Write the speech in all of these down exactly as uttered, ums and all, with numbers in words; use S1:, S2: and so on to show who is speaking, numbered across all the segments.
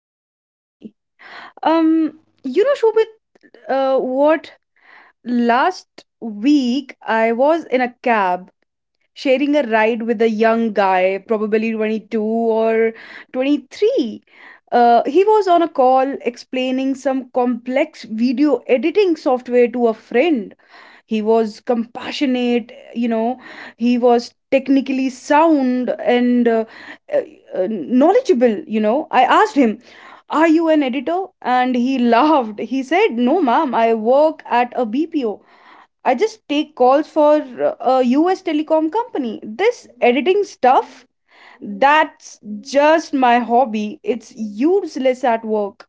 S1: I'm Nandini. Um, you know, Shobit, uh, what last week I was in a cab, sharing a ride with a young guy, probably twenty two or twenty three. Uh, he was on a call explaining some complex video editing software to a friend. He was compassionate, you know he was technically sound and uh, uh, uh, knowledgeable. You know i asked him, "Are you an editor?" And he laughed. He said, "No ma'am, I work at a BPO. I just take calls for uh, a US telecom company. This editing stuff, that's just my hobby. It's useless at work."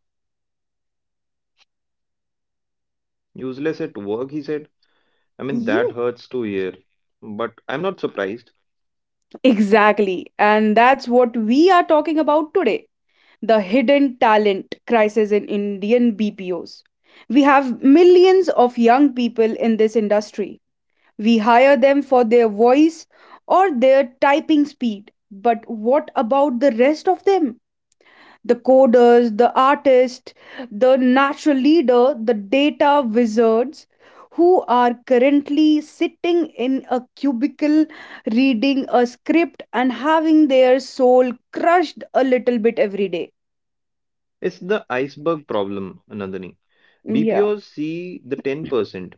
S2: Useless at work, he said. I mean,
S1: Yeah.
S2: that hurts to hear. But I'm not surprised.
S1: Exactly. And that's what we are talking about today, the hidden talent crisis in Indian B P Os. We have millions of young people in this industry. We hire them for their voice or their typing speed. But what about the rest of them? The coders, the artists, the natural leader, the data wizards, who are currently sitting in a cubicle reading a script and having their soul crushed a little bit every day.
S2: It's the iceberg problem, Nandini.
S1: Yeah.
S2: B P Os see the ten percent,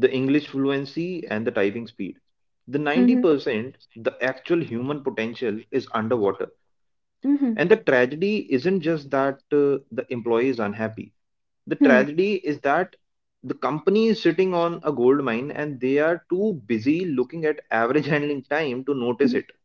S2: the English fluency and the typing speed. The
S1: Mhm.
S2: ninety percent, the actual human potential is underwater.
S1: Mhm.
S2: And the tragedy isn't just that uh, the employee is unhappy. The
S1: Hmm.
S2: tragedy is that the company is sitting on a gold mine and they are too busy looking at average handling time to notice it.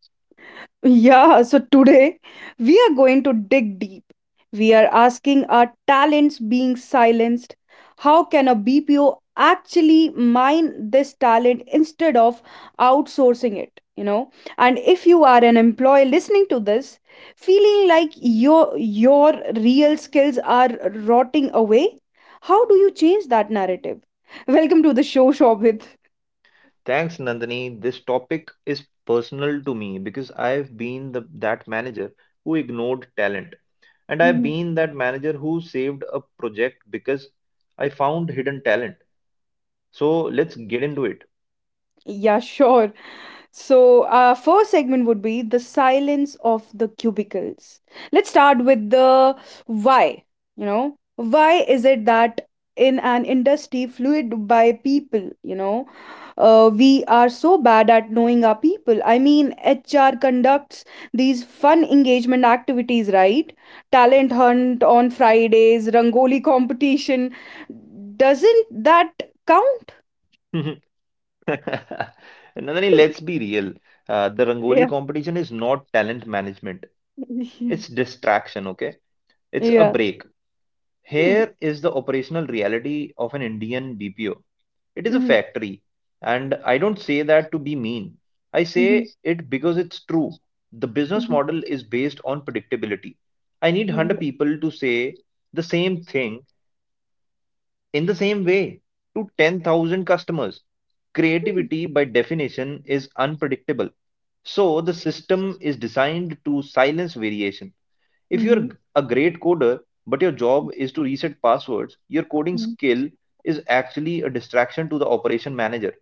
S1: Yeah, so today we are going to dig deep. We are asking, are talents being silenced? How can a B P O actually mine this talent instead of outsourcing it? You know, and if you are an employee listening to this, feeling like your your real skills are rotting away, how do you change that narrative? Welcome to the show, Shobhit.
S2: Thanks, Nandini. This topic is personal to me because I've been the, that manager who ignored talent. And I've
S1: Mhm.
S2: been that manager who saved a project because I found hidden talent. So let's get into it.
S1: Yeah, sure. So, our first segment would be the silence of the cubicles. Let's start with the why. You know, why is it that in an industry fluid by people, you know, uh, we are so bad at knowing our people? I mean, H R conducts these fun engagement activities, right? Talent hunt on Fridays, Rangoli competition. Doesn't that count?
S2: Nandini, let's be real. Uh, the Rangoli
S1: Yeah.
S2: competition is not talent management,
S1: Yeah.
S2: it's distraction, okay? It's a
S1: Yeah.
S2: break.
S1: Hmm.
S2: Here is the operational reality of an Indian B P O. It is a
S1: Mm-hmm.
S2: factory. And I don't say that to be mean. I
S1: Mm-hmm.
S2: say it because it's true. The business
S1: Mhm.
S2: model is based on predictability. I need
S1: Mm,
S2: one hundred
S1: yeah.
S2: people to say the same thing in the same way to ten thousand customers.
S1: Mm.
S2: Creativity, by definition, is unpredictable. So the system is designed to silence variation. If
S1: Mhm.
S2: you're a great coder, but your job is to reset passwords, your coding
S1: Mm.
S2: skill is actually a distraction to the operation manager.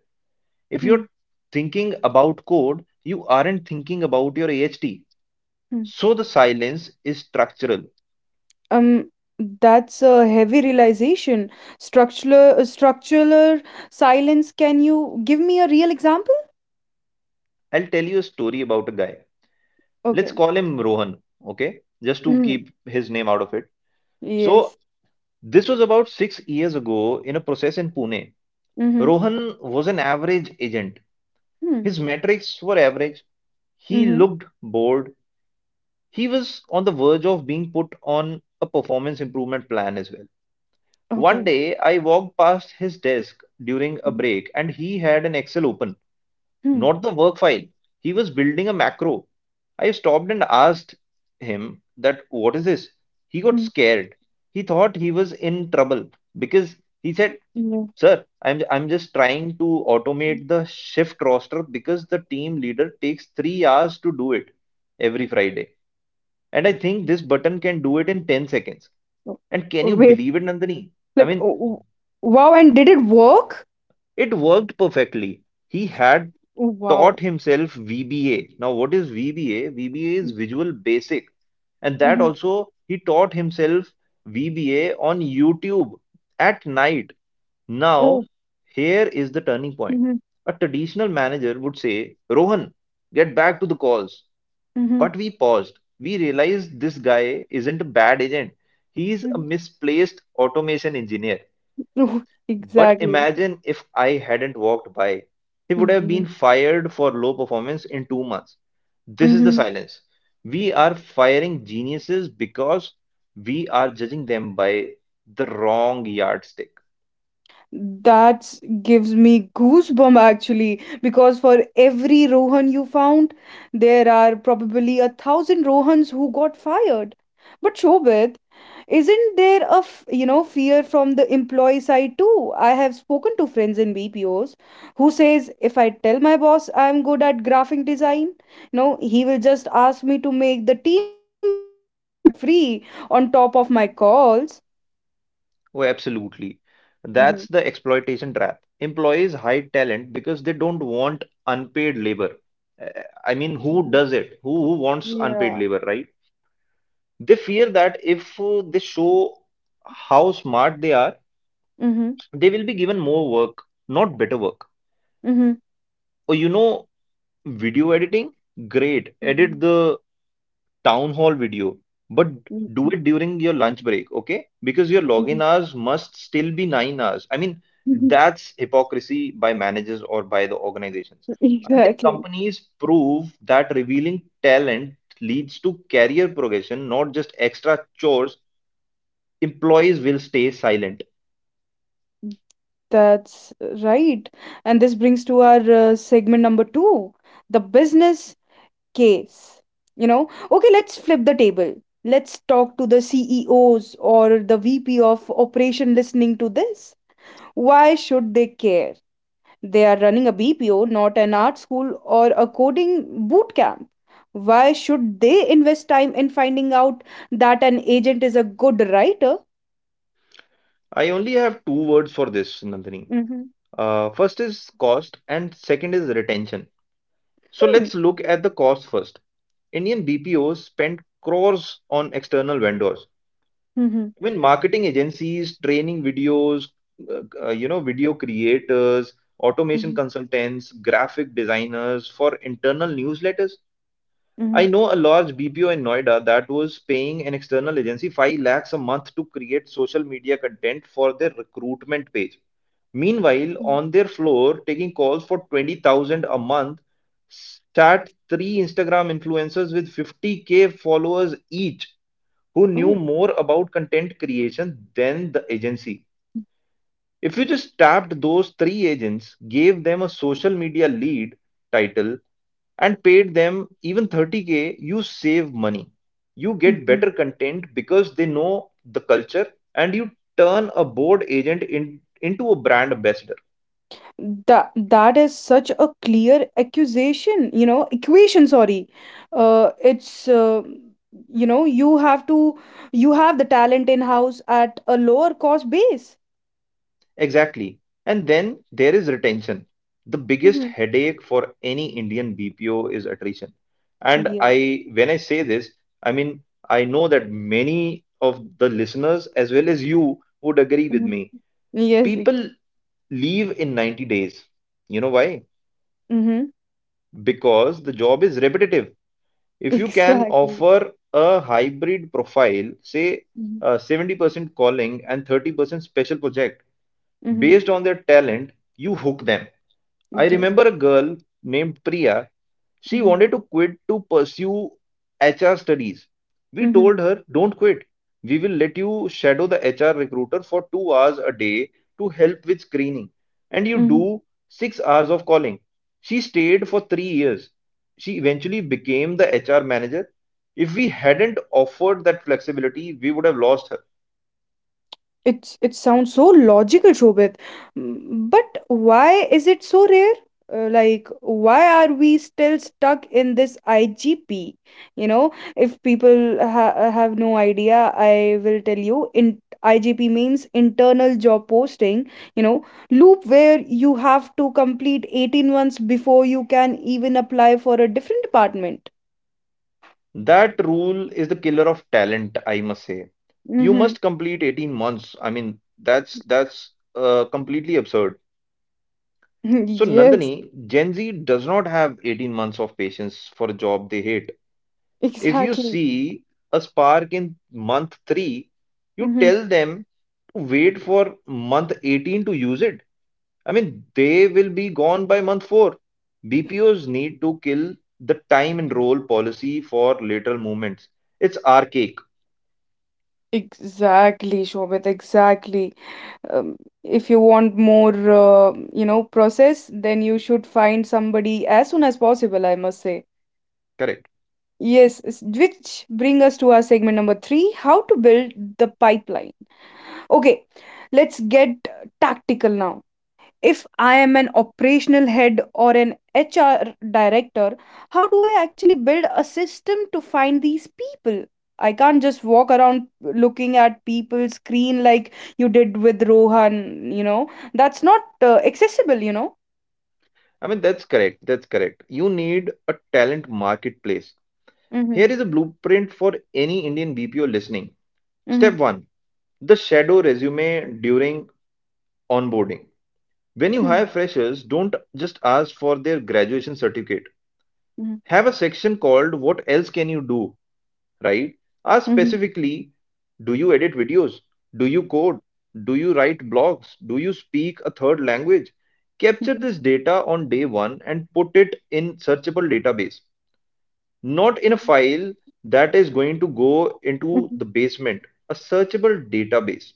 S2: If you're
S1: Mm.
S2: thinking about code, you aren't thinking about your A H T.
S1: Mm.
S2: So the silence is structural.
S1: Um, that's a heavy realization. Structural, uh, structural silence. Can you give me a real example?
S2: I'll tell you a story about a guy. Let's
S1: Okay.
S2: call him Rohan, okay? Just to
S1: Mm.
S2: keep his name out of it.
S1: Yes.
S2: So this was about six years ago in a process in Pune.
S1: Mhm.
S2: Rohan was an average agent.
S1: Mm.
S2: His metrics were average. He
S1: Mhm.
S2: looked bored. He was on the verge of being put on a performance improvement plan as well. One
S1: Okay.
S2: day I walked past his desk during a
S1: Mm.
S2: break and he had an Excel open,
S1: Mm.
S2: not the work file. He was building a macro. I stopped and asked him that what is this? He got
S1: Mm.
S2: scared. He thought he was in trouble because he said,
S1: Yeah.
S2: "Sir, I'm I'm just trying to
S1: Mm.
S2: automate the shift roster because the team leader takes three hours to do it every Friday. And I think this button can do it in ten seconds."
S1: Oh.
S2: And can you
S1: Wait.
S2: believe it, Nandini? I
S1: Like,
S2: mean,
S1: oh, oh, wow. And did it work?
S2: It worked perfectly. He had
S1: Oh,
S2: taught
S1: wow.
S2: himself V B A. Now, what is V B A? V B A is
S1: Mm.
S2: Visual Basic. And that
S1: Mhm.
S2: also, he taught himself V B A on YouTube at night. Now,
S1: Oh.
S2: here is the turning point.
S1: Mhm.
S2: A traditional manager would say, Rohan, get back to the calls.
S1: Mhm.
S2: But we paused. We realized this guy isn't a bad agent. He's a
S1: Mhm.
S2: misplaced automation engineer. But
S1: Exactly.
S2: imagine if I hadn't walked by. He would have
S1: Yeah.
S2: been fired for low performance in two months. This is the
S1: Mm-hmm.
S2: silence. We are firing geniuses because we are judging them by the wrong yardstick.
S1: That gives me goosebump actually, because for every Rohan you found, there are probably a thousand Rohans who got fired. But Shobit, isn't there a f- you know fear from the employee side too? I have spoken to friends in B P Os who says, if I tell my boss I'm good at graphic design, no, he will just ask me to make the team birthday posters for free on top of my calls.
S2: Oh, absolutely.
S1: Mm-hmm.
S2: That's the exploitation trap. Employees hide talent because they don't want unpaid labor. Uh, I mean, who
S1: Mhm.
S2: does it? Who, who wants unpaid
S1: Yeah.
S2: labor, right? They fear that if uh, they show how smart they are,
S1: Mm-hmm.
S2: they will be given more work, not better work. Oh, you know, video editing, great. Edit
S1: Mhm,
S2: the town hall video, but do
S1: mhm,
S2: it during your lunch break, okay? Because your
S1: mhm,
S2: login hours must still be nine hours. I mean,
S1: mhm.
S2: that's hypocrisy by managers or by the organizations. Until
S1: Exactly.
S2: companies prove that revealing talent leads to career progression, not just extra chores, employees will stay silent.
S1: That's right. And this brings to our uh, segment number two, the business case. You know, okay, let's flip the table. Let's talk to the C E Os or the V P of operation listening to this. Why should they care? They are running a B P O, not an art school or a coding boot camp. Why should they invest time in finding out that an agent is a good writer?
S2: I only have two words for this, Nandini. Uh, first is cost, and second is retention. So
S1: Hmm.
S2: let's look at the cost first. Indian B P Os spend crores on external vendors.
S1: Mhm,
S2: I mean, marketing agencies, training videos, uh, uh, you know, video creators, automation
S1: mhm,
S2: consultants, graphic designers for internal newsletters. I
S1: mhm,
S2: know a large B P O in Noida that was paying an external agency five lakhs a month to create social media content for their recruitment page. Meanwhile,
S1: mhm.
S2: on their floor, taking calls for twenty thousand a month, sat three Instagram influencers with fifty k followers each who knew
S1: Oh,
S2: more about content creation than the agency. If you just tapped those three agents, gave them a social media lead title, and paid them even thirty k, you save money. You get
S1: yeah.
S2: better content because they know the culture, and you turn a bored agent in, into a brand ambassador.
S1: That that is such a clear accusation, you know, equation, sorry. Uh, it's uh, you know, you have to you have the talent in-house at a lower cost base.
S2: Exactly. And then there is retention. The biggest
S1: Mm-hmm.
S2: headache for any Indian B P O is attrition. And
S1: Yes.
S2: I, when I say this, I mean, I know that many of the listeners, as well as you, would agree with
S1: Mm-hmm.
S2: me.
S1: Yes.
S2: People leave in ninety days. You know why?
S1: Mm-hmm.
S2: Because the job is repetitive. If you can
S1: Exactly.
S2: offer a hybrid profile, say
S1: Mm-hmm.
S2: uh, seventy percent calling and thirty percent special project,
S1: Mm-hmm.
S2: based on their talent, you hook them. I
S1: Yes.
S2: remember a girl named Priya. She
S1: Mm-hmm.
S2: wanted to quit to pursue H R studies. We told her, don't quit. We will let you shadow the H R recruiter for two hours a day to help with screening. And you
S1: Mm-hmm.
S2: do six hours of calling. She stayed for three years. She eventually became the H R manager. If we hadn't offered that flexibility, we would have lost her.
S1: It's it sounds so logical, Shobit. Mm, But why is it so rare? Uh, like, why are we still stuck in this I G P? You know, if people ha- have no idea, I will tell you. In I G P means internal job posting. You know, loop where you have to complete eighteen months before you can even apply for a different department.
S2: That rule is the killer of talent, I must say. You
S1: Mm-hmm.
S2: must complete eighteen months. I mean, that's that's uh, completely absurd. So,
S1: Yes,
S2: Nandini, Gen Z does not have eighteen months of patience for a job they hate. If you
S1: exactly.
S2: see a spark in month three, you
S1: Mm-hmm.
S2: tell them to wait for month eighteen to use it. I mean, they will be gone by month four. B P Os need to kill the time and role policy for lateral movements. It's archaic.
S1: Exactly, Shobit, exactly. um, if you want more uh, you know process, then you should find somebody as soon as possible, I must say.
S2: Correct.
S1: Yes, s- which bring us to our segment number three, how to build the pipeline. Okay, let's get tactical now. If I am an operational head or an H R director, how do I actually build a system to find these people? I can't just walk around looking at people's screen like you did with Rohan, you know. That's not uh, accessible, you know.
S2: I mean, that's correct. That's correct. You need a talent marketplace.
S1: Mm-hmm.
S2: Here is a blueprint for any Indian B P O listening.
S1: Mm-hmm.
S2: Step one, the shadow resume during onboarding. When you
S1: Mm-hmm.
S2: hire freshers, don't just ask for their graduation certificate. Have a section called What Else Can You Do, right? Ask
S1: Mm-hmm.
S2: specifically, do you edit videos? Do you code? Do you write blogs? Do you speak a third language? Capture
S1: Mm-hmm.
S2: this data on day one and put it in searchable database, not in a file that is going to go into
S1: Mm-hmm.
S2: the basement, a searchable database.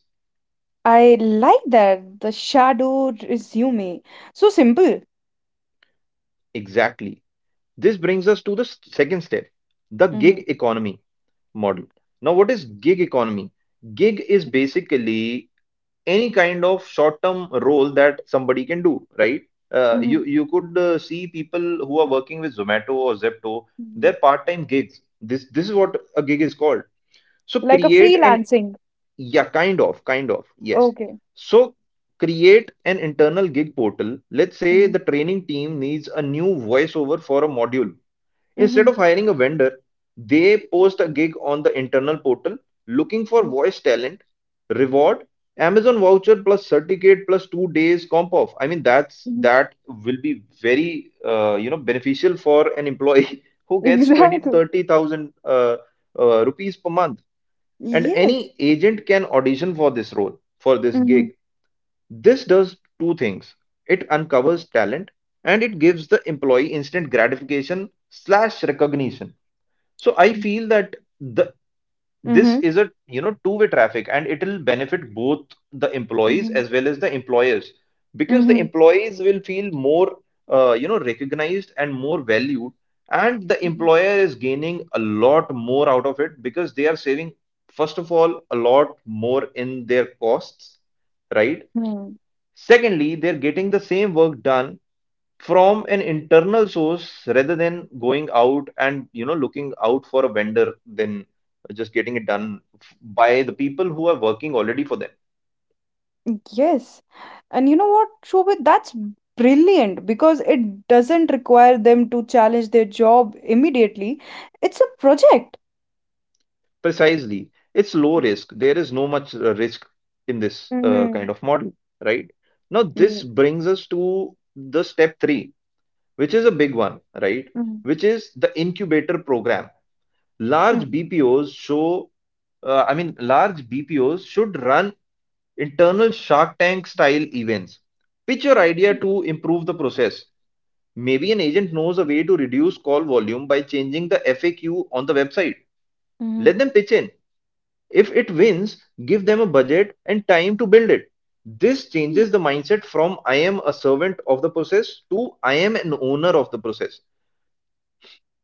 S1: I like that. The shadow resume. So simple.
S2: Exactly. This brings us to the s- second step, the
S1: Mm-hmm.
S2: gig economy model. Now, what is gig economy? Gig is basically any kind of short-term role that somebody can do, right? Uh,
S1: Mm-hmm.
S2: you you could uh, see people who are working with Zomato or Zepto, they're part-time gigs. This this is what a gig is called. So
S1: Like a
S2: create an
S1: freelancing.
S2: Yeah, kind of, kind of, yes.
S1: Okay.
S2: So create an internal gig portal. Let's say the training team needs a new voiceover for a module. Instead
S1: Mm-hmm.
S2: of hiring a vendor, they post a gig on the internal portal looking for
S1: Mhm,
S2: voice talent, reward, Amazon voucher plus certificate plus two days comp off. I mean, that's
S1: mhm.
S2: that will be very uh, you know beneficial for an employee who gets twenty to
S1: Exactly.
S2: thirty thousand uh, uh, rupees per month. And
S1: Yes.
S2: any agent can audition for this role, for this
S1: Mhm.
S2: gig. This does two things. It uncovers talent and it gives the employee instant gratification slash recognition, so I feel that the
S1: Mm-hmm.
S2: this is a you know two-way traffic, and it'll benefit both the employees
S1: Mhm.
S2: as well as the employers, because the
S1: Mm-hmm.
S2: employees will feel more uh, you know recognized and more valued, and the
S1: Mhm.
S2: employer is gaining a lot more out of it because they are saving, first of all, a lot more in their costs, right?
S1: Hmm.
S2: Secondly, they're getting the same work done from an internal source rather than going out and you know looking out for a vendor, then just getting it done f- by the people who are working already for them.
S1: Yes. And you know what, Shobhit? That's brilliant because it doesn't require them to challenge their job immediately. It's a project.
S2: Precisely, it's low risk. There is no much uh, risk in this uh, kind
S1: Mhm.
S2: of model, right? Now
S1: Yeah.
S2: this brings us to the step three, which is a big one, right?
S1: Mhm.
S2: Which is the incubator program. Large
S1: Mm.
S2: bpos show uh, I mean, large BPOs should run internal Shark Tank style events. Pitch your idea to improve the process. Maybe an agent knows a way to reduce call volume by changing the F A Q on the website.
S1: Mhm.
S2: Let them pitch in. If it wins, give them a budget and time to build it. This changes the mindset from I am a servant of the process to I am an owner of the process.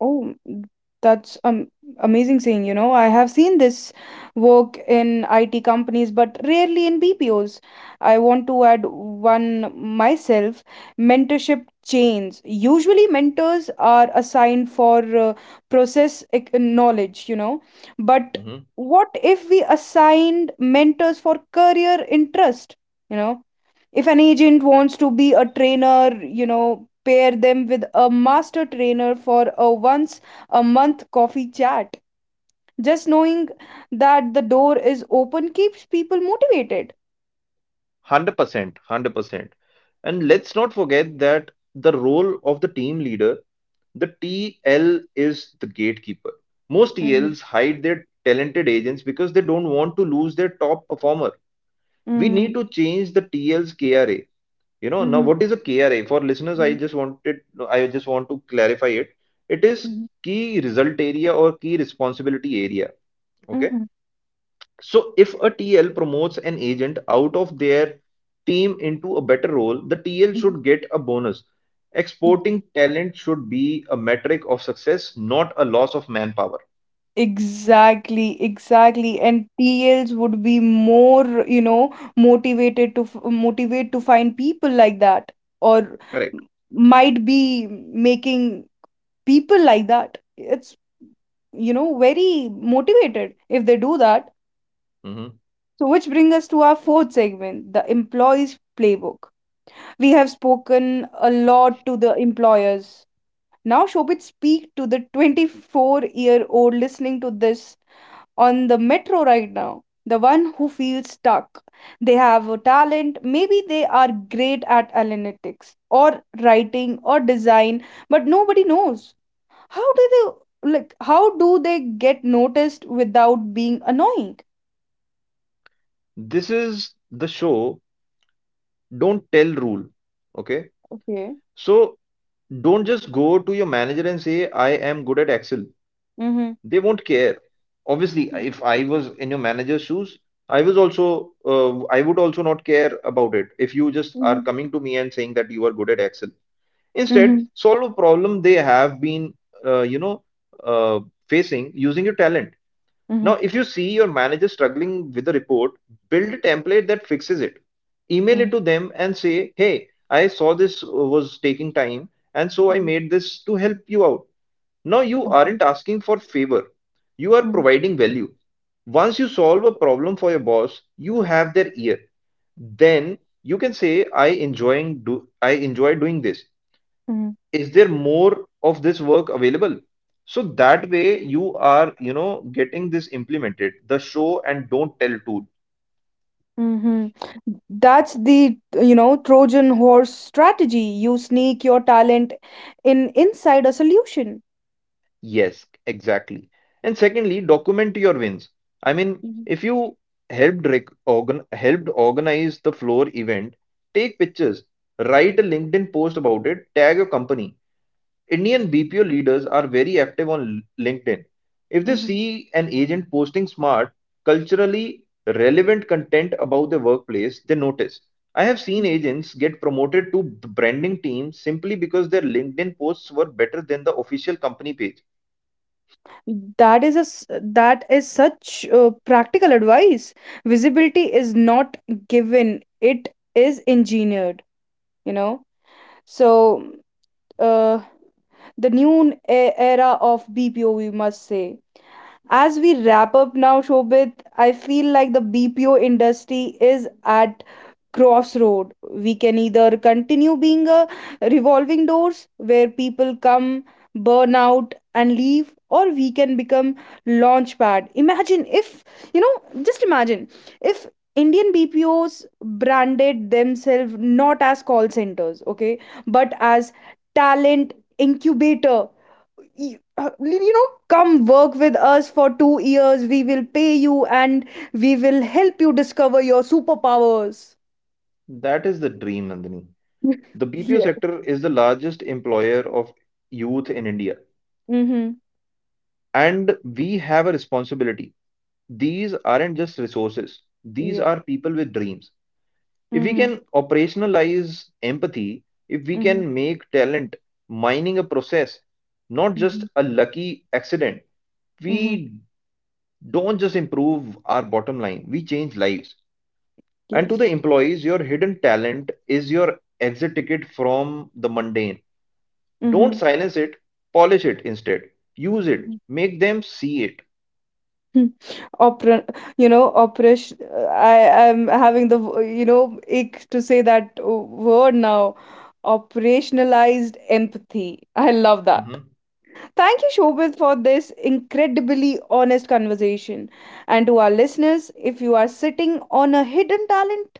S1: Oh, mm, that's um amazing saying, you know. I have seen this work in I T companies, but rarely in B P Os. I want to add one myself, mentorship chains. Usually mentors are assigned for uh, process ec- knowledge, you know. But
S2: Mhm.
S1: what if we assigned mentors for career interest? You know, if an agent wants to be a trainer, you know pair them with a master trainer for a once a month coffee chat. Just knowing that the door is open keeps people motivated.
S2: one hundred percent. one hundred percent. And let's not forget that the role of the team leader, The T L, is the gatekeeper. Most
S1: Mm-hmm.
S2: T Ls hide their talented agents because they don't want to lose their top performer. We need
S1: Mm-hmm.
S2: to change the T L's K R A. You know, now
S1: Mm-hmm.
S2: what is a K R A? For listeners, I just wanted I just want to clarify it. It is
S1: Mm-hmm.
S2: key result area or key responsibility area. Okay.
S1: Hmm.
S2: So if a T L promotes an agent out of their team into a better role, the T L
S1: Mm-hmm.
S2: should get a bonus. Exporting talent should be a metric of success, not a loss of manpower.
S1: Exactly, exactly. And T Ls would be more, you know, motivated to f- motivate to find people like that, or
S2: Correct.
S1: m- might be making people like that. It's you know very motivated if they do that.
S2: Mhm.
S1: So which brings us to our fourth segment, the employees playbook. We have spoken a lot to the employers. Now, Shobit, speak to the twenty four year old listening to this on the metro right now, the one who feels stuck. They have a talent. Maybe they are great at analytics or writing or design, but nobody knows. How do they, like how do they get noticed without being annoying?
S2: This is the show don't tell rule. Okay.
S1: Okay.
S2: So don't just go to your manager and say, I am good at Excel.
S1: Mm-hmm.
S2: They won't care. Obviously,
S1: Mm,
S2: if I was in your manager's shoes, i was also uh, I would also not care about it if you just are
S1: mhm.
S2: coming to me and saying that you are good at Excel. Instead,
S1: Mm-hmm.
S2: solve a problem they have been uh, you know uh, facing using your talent. Now
S1: Mm-hmm.
S2: if you see your manager struggling with a report, build a template that fixes it, email it
S1: Mm-hmm.
S2: to them and say, hey, I saw this was taking time, and so I
S1: Mhm.
S2: made this to help you out. Now you
S1: Okay.
S2: aren't asking for favor. You are providing value. Once you solve a problem for your boss, you have their ear. Then you can say, I enjoying do I enjoy doing this.
S1: Mm-hmm.
S2: Is there more of this work available? So that way you are, you know, getting this implemented, the show and don't tell tool.
S1: Mm-hmm. That's the, you know, Trojan horse strategy. You sneak your talent in inside a solution.
S2: Yes, exactly. And secondly, document your wins. I mean,
S1: Mhm.
S2: if you helped rec- organ helped organize the floor event, take pictures, write a LinkedIn post about it, tag your company. Indian B P O leaders are very active on L- LinkedIn. If they
S1: Mm-hmm.
S2: see an agent posting smart, culturally relevant content about their workplace, they notice. I have seen agents get promoted to the branding team simply because their LinkedIn posts were better than the official company page.
S1: Mhm. That is a s- that is such uh, practical advice. Visibility is not given; it is engineered. You know. So, uh, the new n- e- era of B P O, we must say. As we wrap up now, Shobit, I feel like the B P O industry is at crossroad. We can either continue being a revolving doors where people come, burn out, and leave, or we can become launchpad. Imagine if you know, just imagine if Indian B P Os branded themselves not as call centers, okay, but as talent incubator. Y- uh, you know come work with us for two years. We will pay you, and we will help you discover your superpowers.
S2: That is the dream, Nandini. The B P O
S1: Yes,
S2: sector is the largest employer of youth in India,
S1: mhm,
S2: and we have a responsibility. These aren't just resources, these
S1: yes,
S2: are people with dreams. If we
S1: mhm,
S2: can operationalize empathy, if we
S1: mhm,
S2: can make talent mining a process, not just
S1: mhm,
S2: a lucky accident,
S1: mhm,
S2: we don't just improve our bottom line, we change lives. And to
S1: yes.
S2: the employees, your hidden talent is your exit ticket from the mundane. Don't
S1: Mhm,
S2: silence it, polish it instead. Use it,
S1: mhm.
S2: make them see it.
S1: Hmm. Opera, you know, operation. uh, I am having the w- you know ache to say that uh, word now. Operationalized empathy. I love that.
S2: Mhm.
S1: Thank you, Shobit, for this incredibly honest conversation. And to our listeners, if you are sitting on a hidden talent,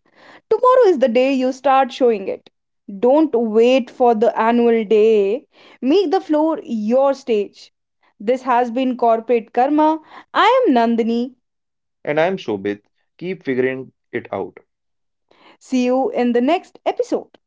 S1: tomorrow is the day you start showing it. Don't wait for the annual day. Make the floor your stage. This has been Corporate Karma. I am Nandini.
S2: And I'm Shobit. Keep figuring it out.
S1: See you in the next episode.